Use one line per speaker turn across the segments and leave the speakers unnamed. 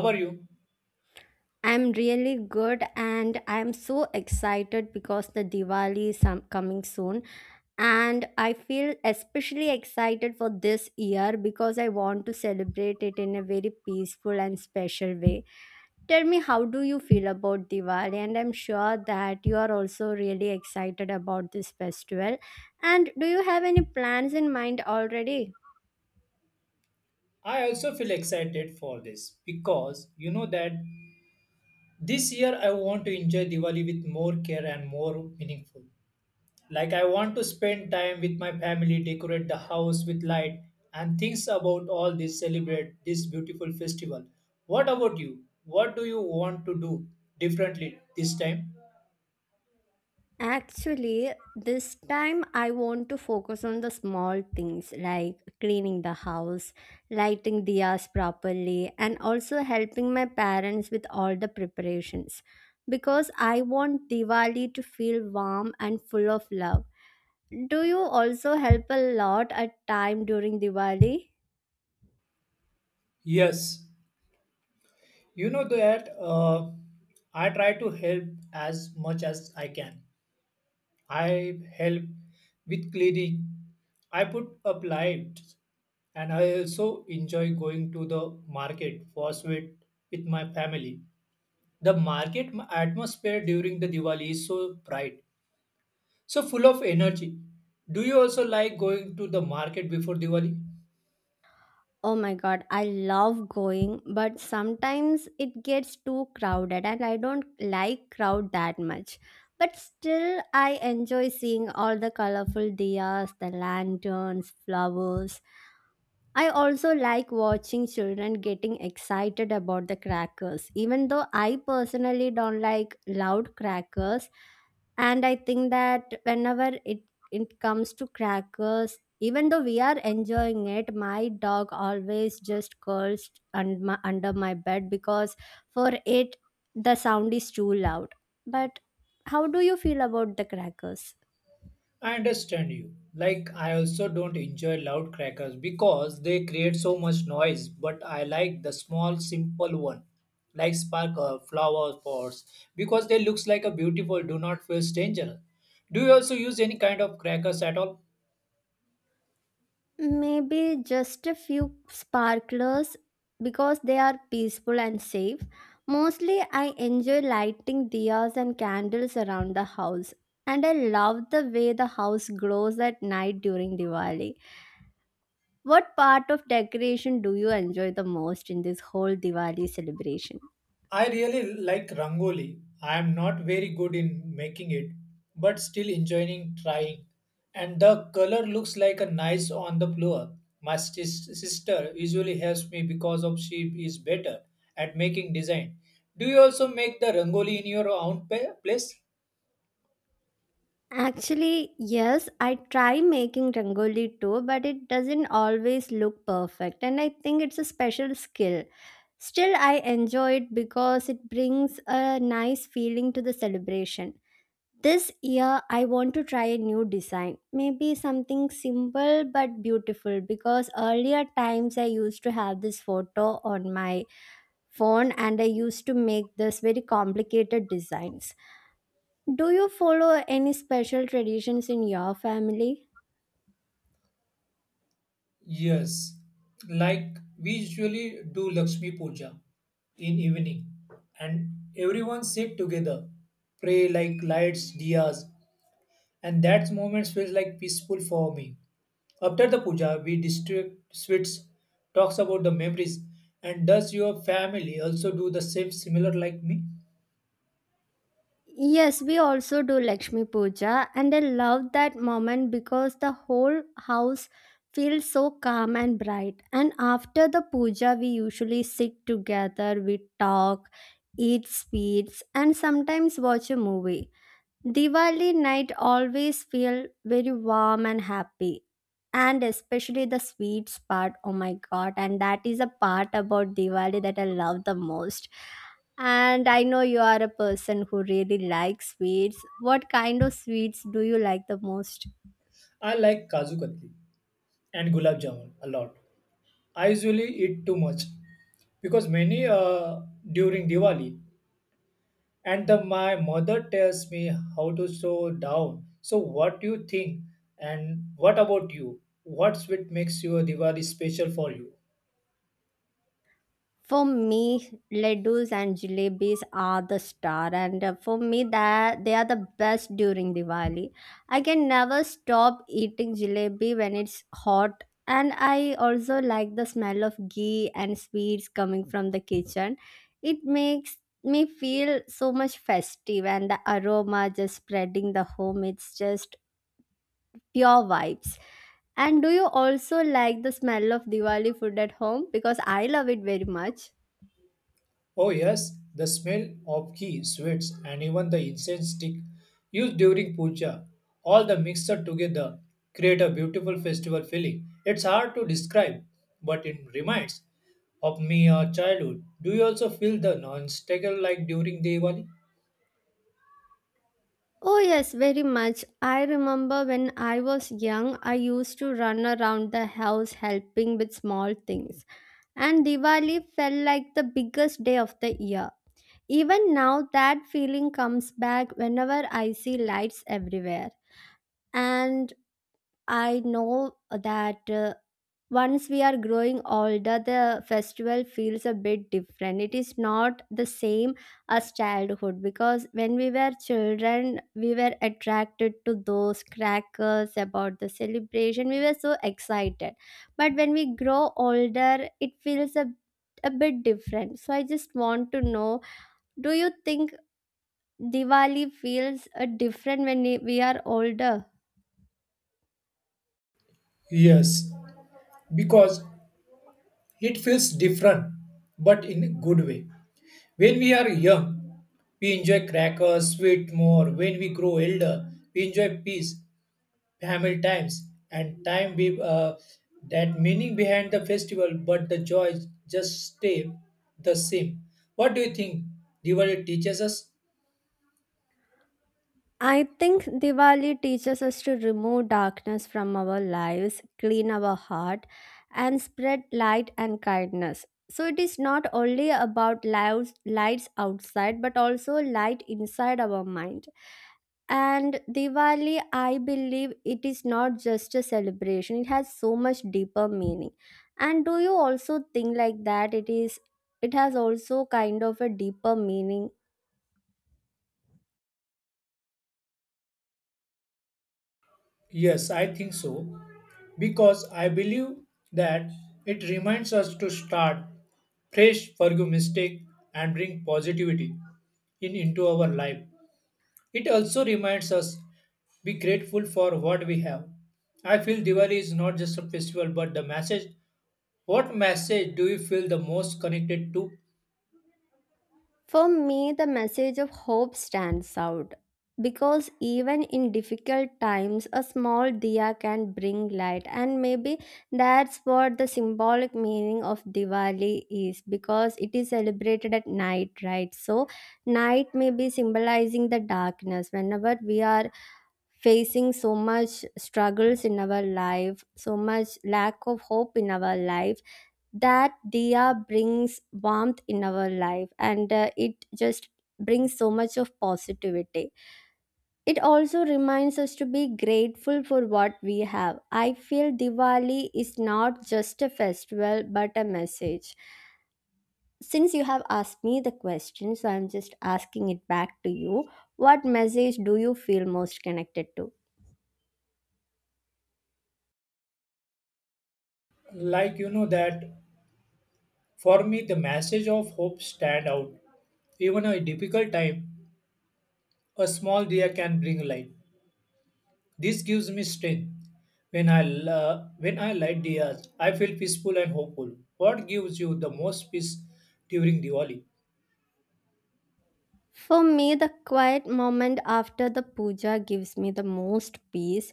How are you?
I'm really good and I'm so excited because the Diwali is coming soon. And I feel especially excited for this year because I want to celebrate it in a very peaceful and special way. Tell me, how do you feel about Diwali? And I'm sure that you are also really excited about this festival. And do you have any plans in mind already?
I also feel excited for this because you know that this year I want to enjoy Diwali with more care and more meaningful. Like I want to spend time with my family, decorate the house with light and things about all this celebrate this beautiful festival. What about you? What do you want to do differently this time?
Actually, this time I want to focus on the small things like cleaning the house, lighting diyas properly, and also helping my parents with all the preparations because I want Diwali to feel warm and full of love. Do you also help a lot at time during Diwali?
Yes, you know that I try to help as much as I can. I help with cleaning. I put up lights and I also enjoy going to the market for sweet with my family. The market atmosphere during the Diwali is so bright, so full of energy. Do you also like going to the market before Diwali?
Oh my god, I love going, but sometimes it gets too crowded and I don't like crowd that much. But still I enjoy seeing all the colorful diyas, the lanterns, flowers, I also like watching children getting excited about the crackers, even though I personally don't like loud crackers. And I think that it comes to crackers, even though we are enjoying it, my dog always just curls and my, under my bed because for it, the sound is too loud. But how do you feel about the crackers?
I understand you. Like, I also don't enjoy loud crackers because they create so much noise, but I like the small, simple one, like sparkle, flower pots, because they looks like a beautiful, do not feel dangerous. Do you also use any kind of crackers at all?
Maybe just a few sparklers because they are peaceful and safe. Mostly, I enjoy lighting diyas and candles around the house. And I love the way the house glows at night during Diwali. What part of decoration do you enjoy the most in this whole Diwali celebration?
I really like rangoli. I am not very good in making it, but still enjoying trying. And the color looks like a nice on the floor. My sister usually helps me because of she is better at making design. Do you also make the rangoli in your own place?
Actually, yes, I try making rangoli too, but it doesn't always look perfect, and I think it's a special skill. Still, I enjoy it because it brings a nice feeling to the celebration. This year, I want to try a new design. Maybe something simple but beautiful because earlier times I used to have this photo on my phone and I used to make this very complicated designs. Do you follow any special traditions in your family?
Yes, like we usually do Lakshmi Puja in evening, and everyone sit together, pray like lights, diyas, and that moment feels like peaceful for me. After the puja, we distribute sweets, talks about the memories, and does your family also do the same similar like me?
Yes, we also do Lakshmi Puja, and I love that moment because the whole house feels so calm and bright. And after the puja, we usually sit together, we talk, eat sweets, and sometimes watch a movie. Diwali night always feel very warm and happy. And especially the sweets part, oh my god, and that is a part about Diwali that I love the most. And I know you are a person who really likes sweets. What kind of sweets do you like the most?
I like kaju katli and gulab jamun a lot. I usually eat too much because many during Diwali, and the, my mother tells me how to slow down. So what do you think? And what about you? What sweet makes your Diwali special for you?
For me, laddus and jalebis are the star, and for me, that they are the best during Diwali. I can never stop eating jalebi when it's hot, and I also like the smell of ghee and sweets coming from the kitchen. It makes me feel so much festive, and the aroma just spreading the home. It's just pure vibes. And do you also like the smell of Diwali food at home? Because I love it very much.
Oh, yes, the smell of ghee, sweets, and even the incense stick used during puja, all the mixture together create a beautiful festival feeling. It's hard to describe, but it reminds of me our childhood. Do you also feel the non-sticker like during Diwali?
Oh, yes, very much. I remember when I was young, I used to run around the house helping with small things, and Diwali felt like the biggest day of the year. Even now, that feeling comes back whenever I see lights everywhere. And I know that once we are growing older, the festival feels a bit different. It is not the same as childhood because when we were children, we were attracted to those crackers about the celebration. We were so excited. But when we grow older, a bit different. So I just want to know do you think Diwali feels different when we are older?
Yes, because it feels different, but in a good way. When we are young, we enjoy crackers, sweet more. When we grow older, we enjoy peace family times and time with that meaning behind the festival but the joy just stay the same. What do you think Diwali teaches us?
I think Diwali teaches us to remove darkness from our lives, clean our heart, and spread light and kindness. So it is not only about lights, lights outside, but also light inside our mind. And Diwali, I believe it is not just a celebration, it has so much deeper meaning. And do you also think like that? It has also kind of a deeper meaning.
Yes, I think so because I believe that it reminds us to start fresh, forgive mistake, and bring positivity in into our life. It also reminds us be grateful for what we have. I feel Diwali is not just a festival but the message. What message do you feel the most connected to?
For me, the message of hope stands out because even in difficult times, a small diya can bring light, and maybe that's what the symbolic meaning of Diwali is because it is celebrated at night, right? So, night may be symbolizing the darkness whenever we are facing so much struggles in our life, so much lack of hope in our life, that diya brings warmth in our life, and it just brings so much of positivity. It also reminds us to be grateful for what we have. I feel Diwali is not just a festival but a message. Since you have asked me the question, so I'm just asking it back to you. What message do you feel most connected to?
Like you know that for me the message of hope stand out. Even a difficult time, a small deer can bring light. This gives me strength. When I light deers, I feel peaceful and hopeful. What gives you the most peace during Diwali?
For me, the quiet moment after the puja gives me the most peace.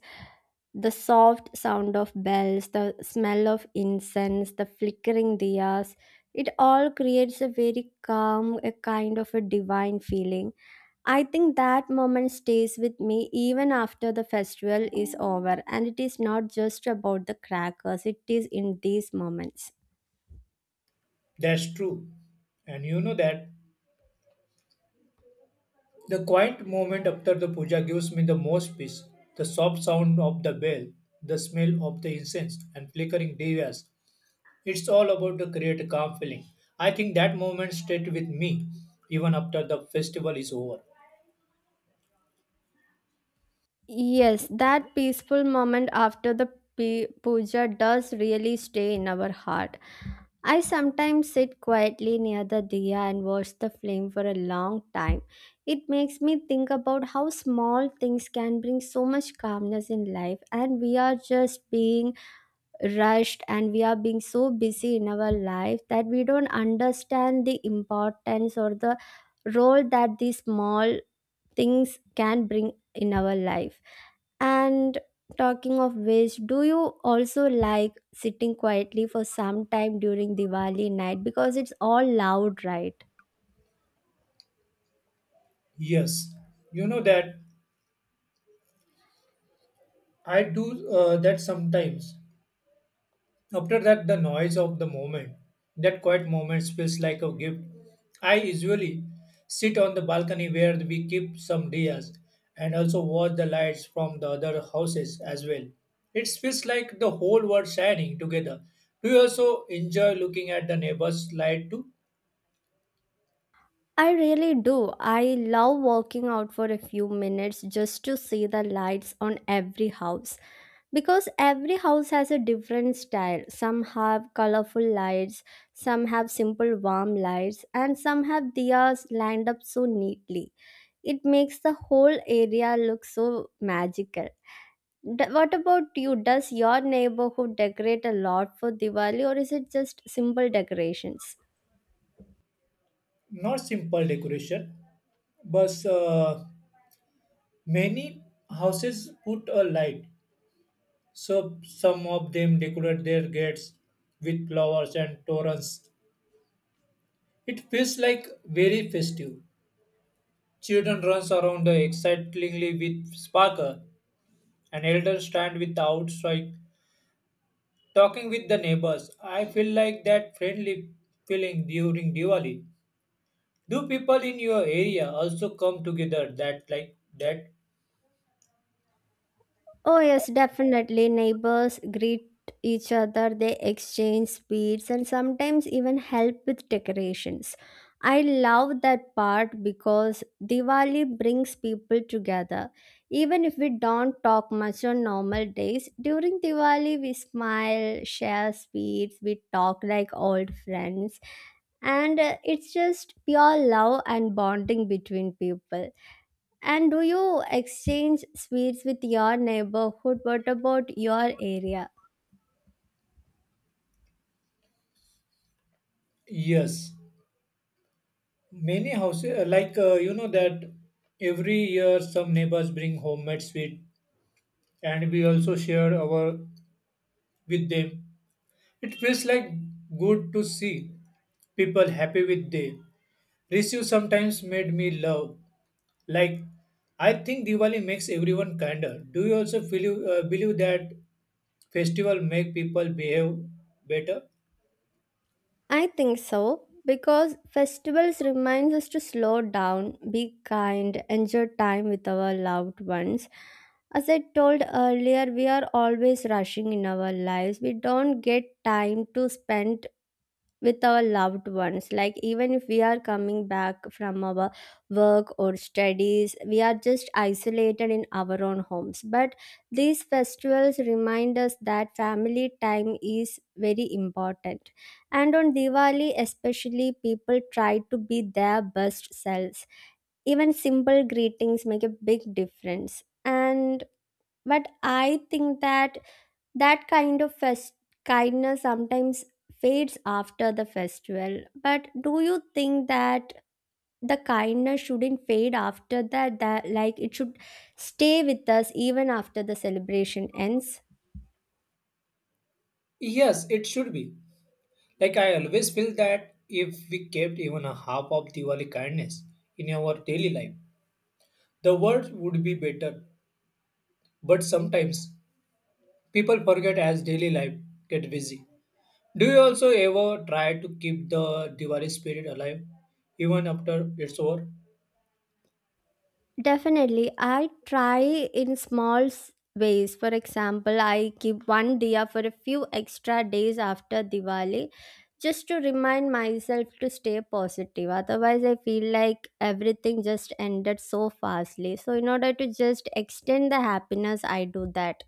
The soft sound of bells, the smell of incense, the flickering diyas, it all creates a very calm, a kind of a divine feeling. I think that moment stays with me even after the festival is over, and it is not just about the crackers, it is in these moments.
That's true, and you know that the quiet moment after the puja gives me the most peace. The soft sound of the bell, the smell of the incense, and flickering devas. It's all about to create a calm feeling. I think that moment stayed with me even after the festival is over.
Yes, that peaceful moment after the puja does really stay in our heart. I sometimes sit quietly near the diya and watch the flame for a long time. It makes me think about how small things can bring so much calmness in life, and we are just being rushed and we are being so busy in our life that we don't understand the importance or the role that these small things can bring in our life. And talking of which, do you also like sitting quietly for some time during Diwali night? Because it's all loud, right?
Yes, you know that I do that sometimes. After that, the noise of the moment, that quiet moment feels like a gift. I usually sit on the balcony where we keep some diyas and also watch the lights from the other houses as well. It feels like the whole world shining together. Do you also enjoy looking at the neighbor's light too?
I really do. I love walking out for a few minutes just to see the lights on every house because every house has a different style. Some have colorful lights, some have simple warm lights, and some have diyas lined up so neatly. It makes the whole area look so magical. What about you? Does your neighborhood decorate a lot for Diwali or is it just simple decorations?
Not simple decoration, but many houses put a light. So some of them decorate their gates with flowers and torrents. It feels like very festive. Children runs around excitedly with sparkle, and elders stand with outside talking with the neighbors. I feel like that friendly feeling during Diwali. Do people in your area also come together that like that?
Oh, yes, definitely. Neighbors greet each other, they exchange sweets, and sometimes even help with decorations. I love that part because Diwali brings people together. Even if we don't talk much on normal days, during Diwali we smile, share sweets, we talk like old friends, and it's just pure love and bonding between people. And do you exchange sweets with your neighborhood? What about your area?
Yes, many houses like you know that every year some neighbors bring homemade sweet, and we also share our with them. It feels like good to see people happy with they receive sometimes made me love like I think Diwali makes everyone kinder. Do you also feel, believe that festival make people behave better?
I think so because festivals reminds us to slow down, be kind, enjoy time with our loved ones. As I told earlier, we are always rushing in our lives. We don't get time to spend with our loved ones, like even if we are coming back from our work or studies we are just isolated in our own homes, but these festivals remind us that family time is very important. And on Diwali especially people try to be their best selves. Even simple greetings make a big difference. And but I think that that kind of kindness sometimes fades after the festival. But do you think that the kindness shouldn't fade after that? That like it should stay with us even after the celebration ends?
Yes, it should be. Like I always feel that if we kept even a half of Diwali kindness in our daily life, the world would be better, but sometimes people forget as daily life get busy. Do you also ever try to keep the Diwali spirit alive even after it's over?
Definitely, I try in small ways. For example, I keep one diya for a few extra days after Diwali just to remind myself to stay positive. Otherwise, I feel like everything just ended so fastly. So, in order to just extend the happiness, I do that.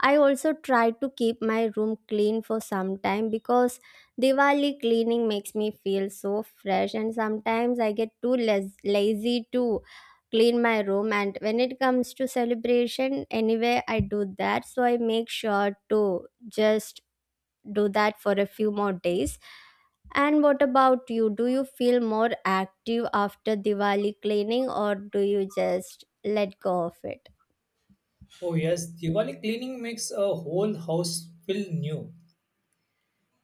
I also try to keep my room clean for some time because Diwali cleaning makes me feel so fresh, and sometimes I get too lazy to clean my room, and when it comes to celebration anyway I do that, so I make sure to just do that for a few more days. And what about you? Do you feel more active after Diwali cleaning or do you just let go of it?
Oh yes, Diwali cleaning makes a whole house feel new.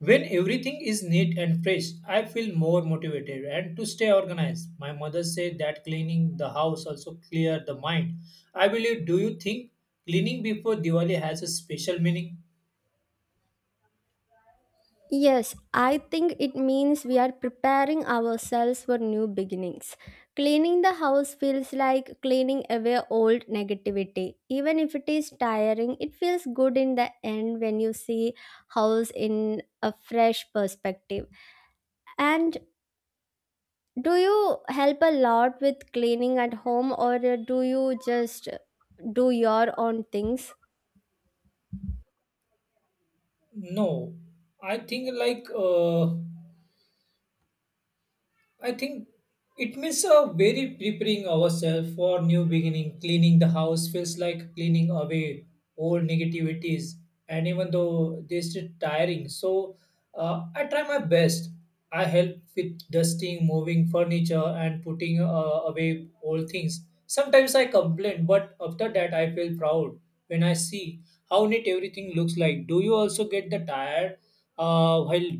When everything is neat and fresh, I feel more motivated and to stay organized. My mother said that cleaning the house also clear the mind. I believe, do you think cleaning before Diwali has a special meaning?
Yes, I think it means we are preparing ourselves for new beginnings. Cleaning the house feels like cleaning away old negativity. Even if it is tiring, it feels good in the end when you see house in a fresh perspective. And do you help a lot with cleaning at home or do you just do your own things?
No. I think like uh I think it means a very preparing ourselves for new beginning. Cleaning the house feels like cleaning away old negativities, and even though this is tiring, so I try my best. I help with dusting, moving furniture, and putting away old things. Sometimes I complain, but after that I feel proud when I see how neat everything looks like. Do you also get the tired while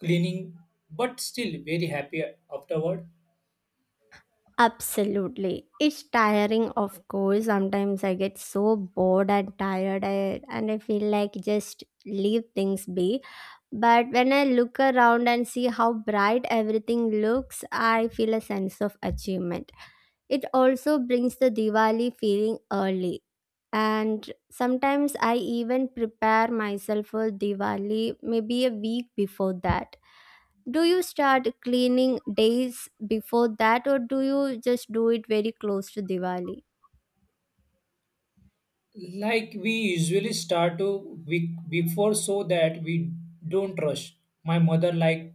cleaning, but still very happy afterward.
Absolutely. It's tiring, of course. Sometimes I get so bored and tired, and I feel like just leave things be. But when I look around and see how bright everything looks, I feel a sense of achievement. It also brings the Diwali feeling early. And sometimes I even prepare myself for Diwali maybe a week before that. Do you start cleaning days before that, or do you just do it very close to Diwali?
Like we usually start to week before so that we don't rush. My mother liked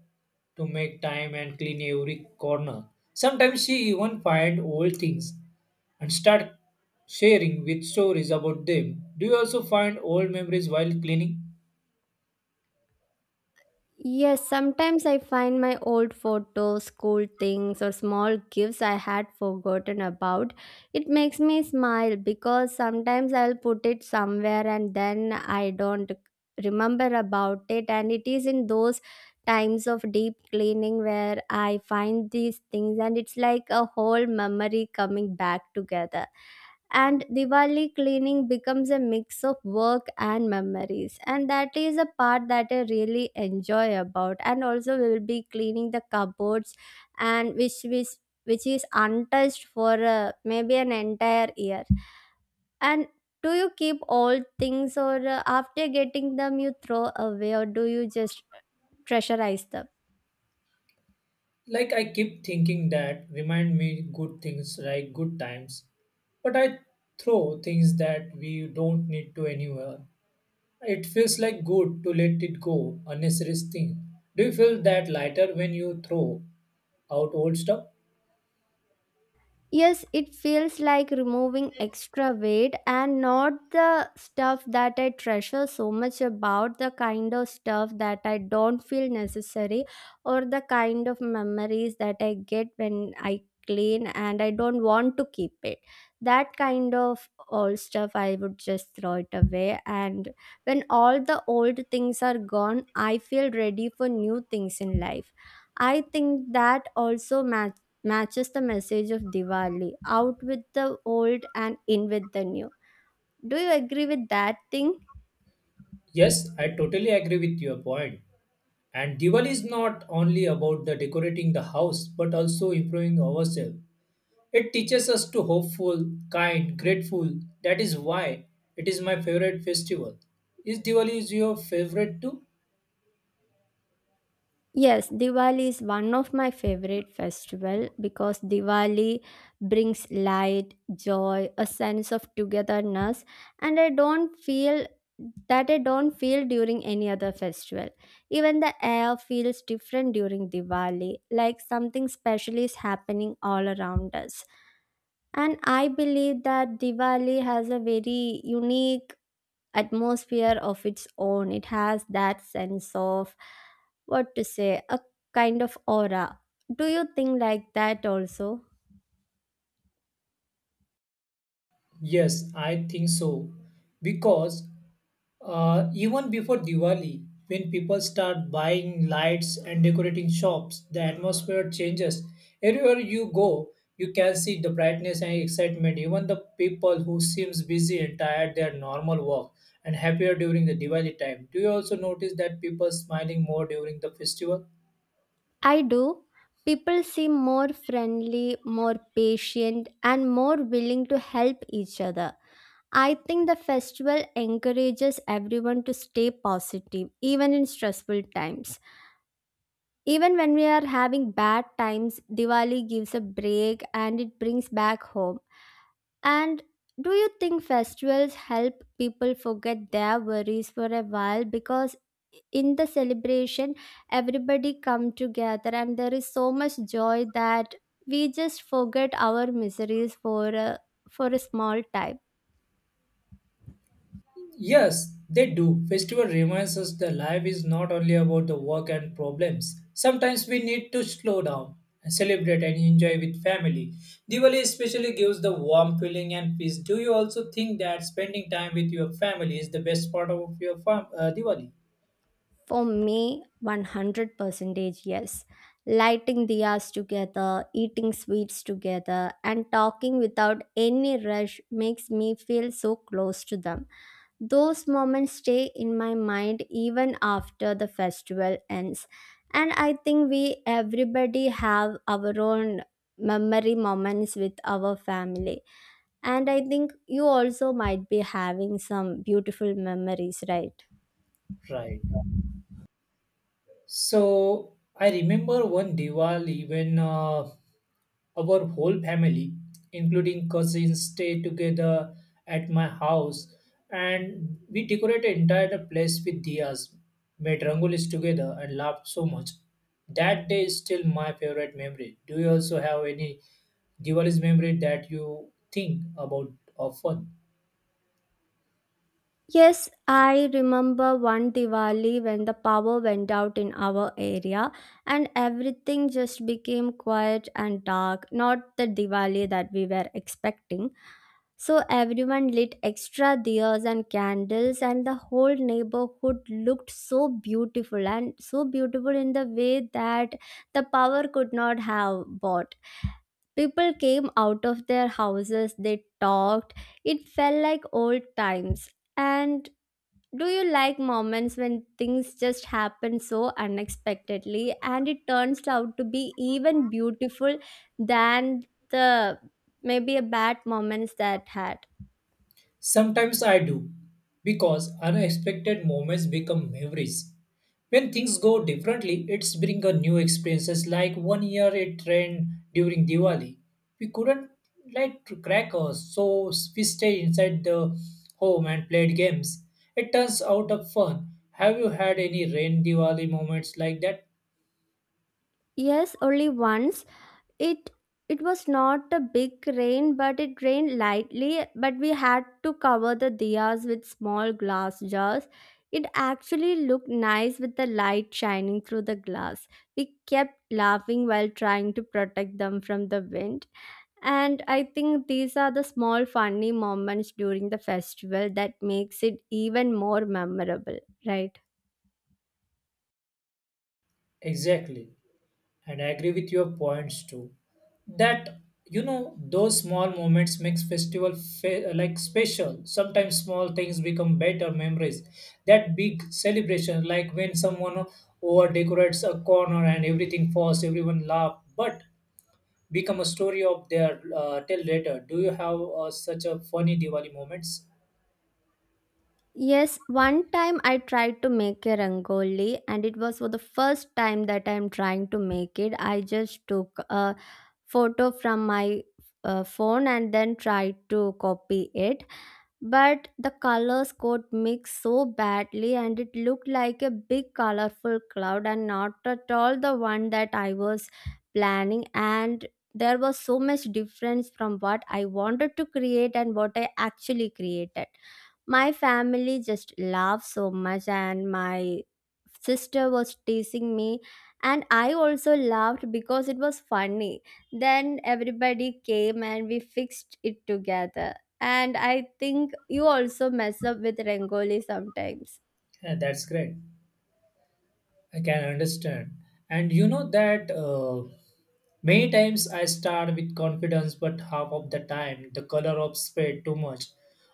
to make time and clean every corner. Sometimes she even find old things and start sharing with stories about them. Do you also find old memories while cleaning?
Yes, sometimes I find my old photos, cool things, or small gifts I had forgotten about. It makes me smile because sometimes I'll put it somewhere and then I don't remember about it. And it is in those times of deep cleaning where I find these things, and it's like a whole memory coming back together. And Diwali cleaning becomes a mix of work and memories. And that is a part that I really enjoy about. And also, we will be cleaning the cupboards, and which is untouched for maybe an entire year. And do you keep all things, or after getting them, you throw away, or do you just treasurize them?
Like I keep thinking that remind me good things like good times, but I throw things that we don't need to anywhere. It feels like good to let it go, unnecessary thing. Do you feel that lighter when you throw out old stuff?
Yes, it feels like removing extra weight and not the stuff that I treasure so much about, the kind of stuff that I don't feel necessary, or the kind of memories that I get when I clean and I don't want to keep it. That kind of old stuff, I would just throw it away. And when all the old things are gone, I feel ready for new things in life. I think that also matters matches the message of Diwali, out with the old and in with the new. Do you agree with that thing?
Yes, I totally agree with your point. And Diwali is not only about the decorating the house but also improving ourselves. It teaches us to hopeful, kind, grateful. That is why it is my favorite festival. Is Diwali is your favorite too?
Yes, Diwali is one of my favorite festival because Diwali brings light, joy, a sense of togetherness and I don't feel during any other festival. Even the air feels different during Diwali, like something special is happening all around us. And I believe that Diwali has a very unique atmosphere of its own. It has that sense of, what to say, a kind of aura. Do you think like that also?
Yes, I think so. Because even before Diwali, when people start buying lights and decorating shops, the atmosphere changes. Everywhere you go, you can see the brightness and excitement. Even the people who seems busy and tired their normal work and happier during the Diwali time. Do you also notice that people smiling more during the festival?
I do. People seem more friendly, more patient, and more willing to help each other. I think the festival encourages everyone to stay positive, even in stressful times. Even when we are having bad times, Diwali gives a break and it brings back home. And do you think festivals help people forget their worries for a while? Because in the celebration, everybody come together and there is so much joy that we just forget our miseries for a small time.
Yes, they do. Festival reminds us that life is not only about the work and problems. Sometimes we need to slow down, celebrate, and enjoy with family. Diwali especially gives the warm feeling and peace. Do you also think that spending time with your family is the best part of your farm, Diwali?
For me, 100 percentage yes. Lighting diyas together, eating sweets together, and talking without any rush makes me feel so close to them. Those moments stay in my mind even after the festival ends. And I think we everybody have our own memory moments with our family. And I think you also might be having some beautiful memories, right?
Right. So I remember one Diwali when our whole family, including cousins, stayed together at my house, and we decorated entire place with diyas, made rangolis together, and laughed so much. That day is still my favorite memory. Do you also have any Diwali's memory that you think about often?
Yes, I remember one Diwali when the power went out in our area and everything just became quiet and dark, not the Diwali that we were expecting. So everyone lit extra diyas and candles and the whole neighborhood looked so beautiful and so beautiful in the way that the power could not have bought. People came out of their houses, they talked. It felt like old times and do you like moments when things just happen so unexpectedly and it turns out to be even beautiful than the maybe a bad moments that had?
Sometimes I do, because unexpected moments become memories. When things go differently, it's bring a new experiences. Like one year it rained during Diwali. We couldn't light crackers, so we stayed inside the home and played games. It turns out of fun. Have you had any rain Diwali moments like that?
Yes, only once. It it was not a big rain, but it rained lightly, but we had to cover the diyas with small glass jars. It actually looked nice with the light shining through the glass. We kept laughing while trying to protect them from the wind. And I think these are the small funny moments during the festival that makes it even more memorable, right?
Exactly. And I agree with your points too. That you know those small moments makes festival like special. Sometimes small things become better memories. That big celebration, like when someone over decorates a corner and everything falls, everyone laugh, but become a story of their tell later. Do you have such a funny Diwali moments?
Yes, one time I tried to make a rangoli and it was for the first time that I'm trying to make it. I just took a photo from my phone and then tried to copy it, but the colors got mixed so badly and it looked like a big colorful cloud and not at all the one that I was planning, and there was so much difference from what I wanted to create and what I actually created. My family just laughed so much, and my sister was teasing me, and I also laughed because it was funny. Then everybody came and we fixed it together. And I think you also mess up with Rangoli sometimes.
Yeah, that's great. I can understand. And you know that many times I start with confidence, but half of the time the color of spread too much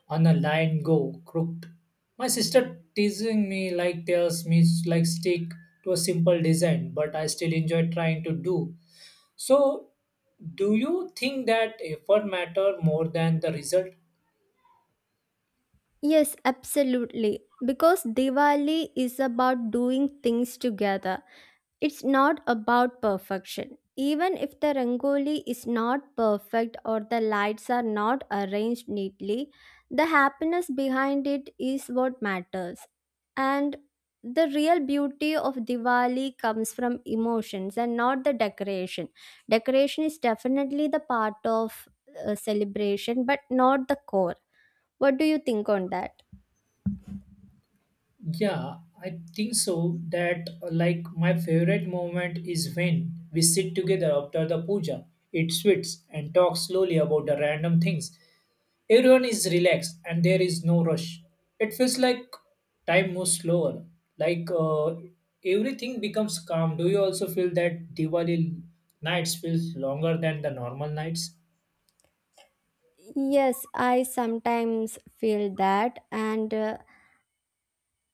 on a line go crooked. My sister teasing me like tells me like stick to a simple design, but I still enjoy trying to do. So, do you think that effort matter more than the result?
Yes, absolutely. Because Diwali is about doing things together. It's not about perfection. Even if the rangoli is not perfect or the lights are not arranged neatly, the happiness behind it is what matters. And the real beauty of Diwali comes from emotions and not the decoration. Decoration is definitely the part of celebration, but not the core. What do you think on that?
Yeah, I think so. That like my favorite moment is when we sit together after the puja, eat sweets, and talk slowly about the random things. Everyone is relaxed and there is no rush. It feels like time moves slower. Like everything becomes calm. Do you also feel that Diwali nights feels longer than the normal nights?
Yes, I sometimes feel that, and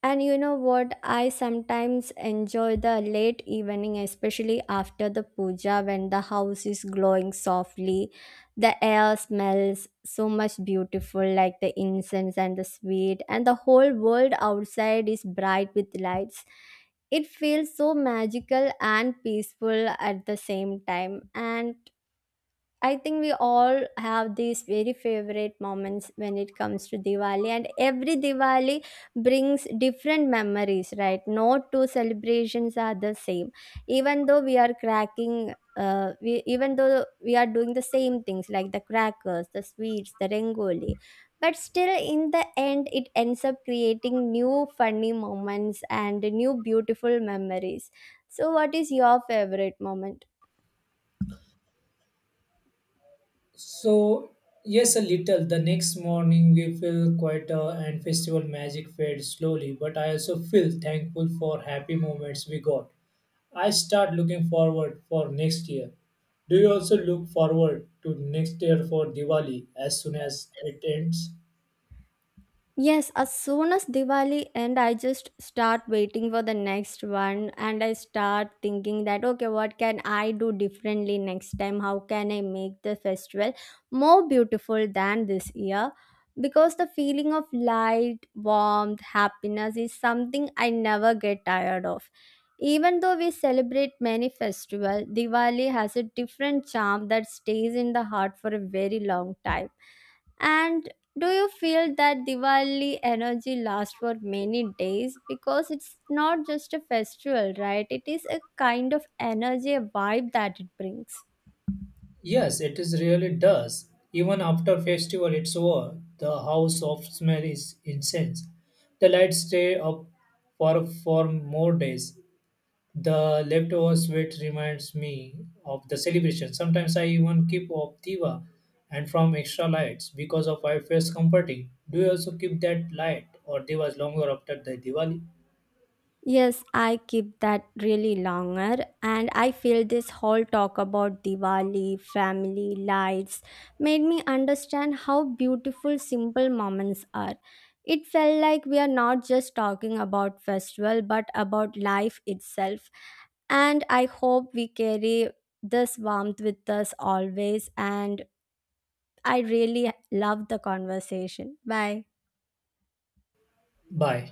and you know what? I sometimes enjoy the late evening, especially after the puja when the house is glowing softly. The air smells so much beautiful, like the incense and the sweet, and the whole world outside is bright with lights. It feels so magical and peaceful at the same time. And I think we all have these very favorite moments when it comes to Diwali, and every Diwali brings different memories, right? No two celebrations are the same, even though we are cracking. We even though we are doing the same things like the crackers, the sweets, the rangoli, but still in the end, it ends up creating new funny moments and new beautiful memories. So, what is your favorite moment?
So, yes, a little. The next morning we feel quieter and festival magic fades slowly, but I also feel thankful for happy moments we got. I start looking forward for next year. Do you also look forward to next year for Diwali as soon as it ends?
Yes, as soon as Diwali end, I just start waiting for the next one and I start thinking that okay, what can I do differently next time? How can I make the festival more beautiful than this year? Because the feeling of light, warmth, happiness is something I never get tired of. Even though we celebrate many festivals, Diwali has a different charm that stays in the heart for a very long time. And do you feel that Diwali energy lasts for many days? Because it's not just a festival, right? It is a kind of energy, a vibe that it brings.
Yes, it is really does. Even after festival it's over, the house of smell is incense. The lights stay up for more days. The leftover sweat reminds me of the celebration. Sometimes I even keep of diva and from extra lights because of I feels comforting. Do you also keep that light or divas longer after the Diwali?
Yes, I keep that really longer, and I feel this whole talk about Diwali, family, lights made me understand how beautiful simple moments are. It felt like we are not just talking about festival but about life itself, and I hope we carry this warmth with us always. And I really love the conversation. Bye.
Bye.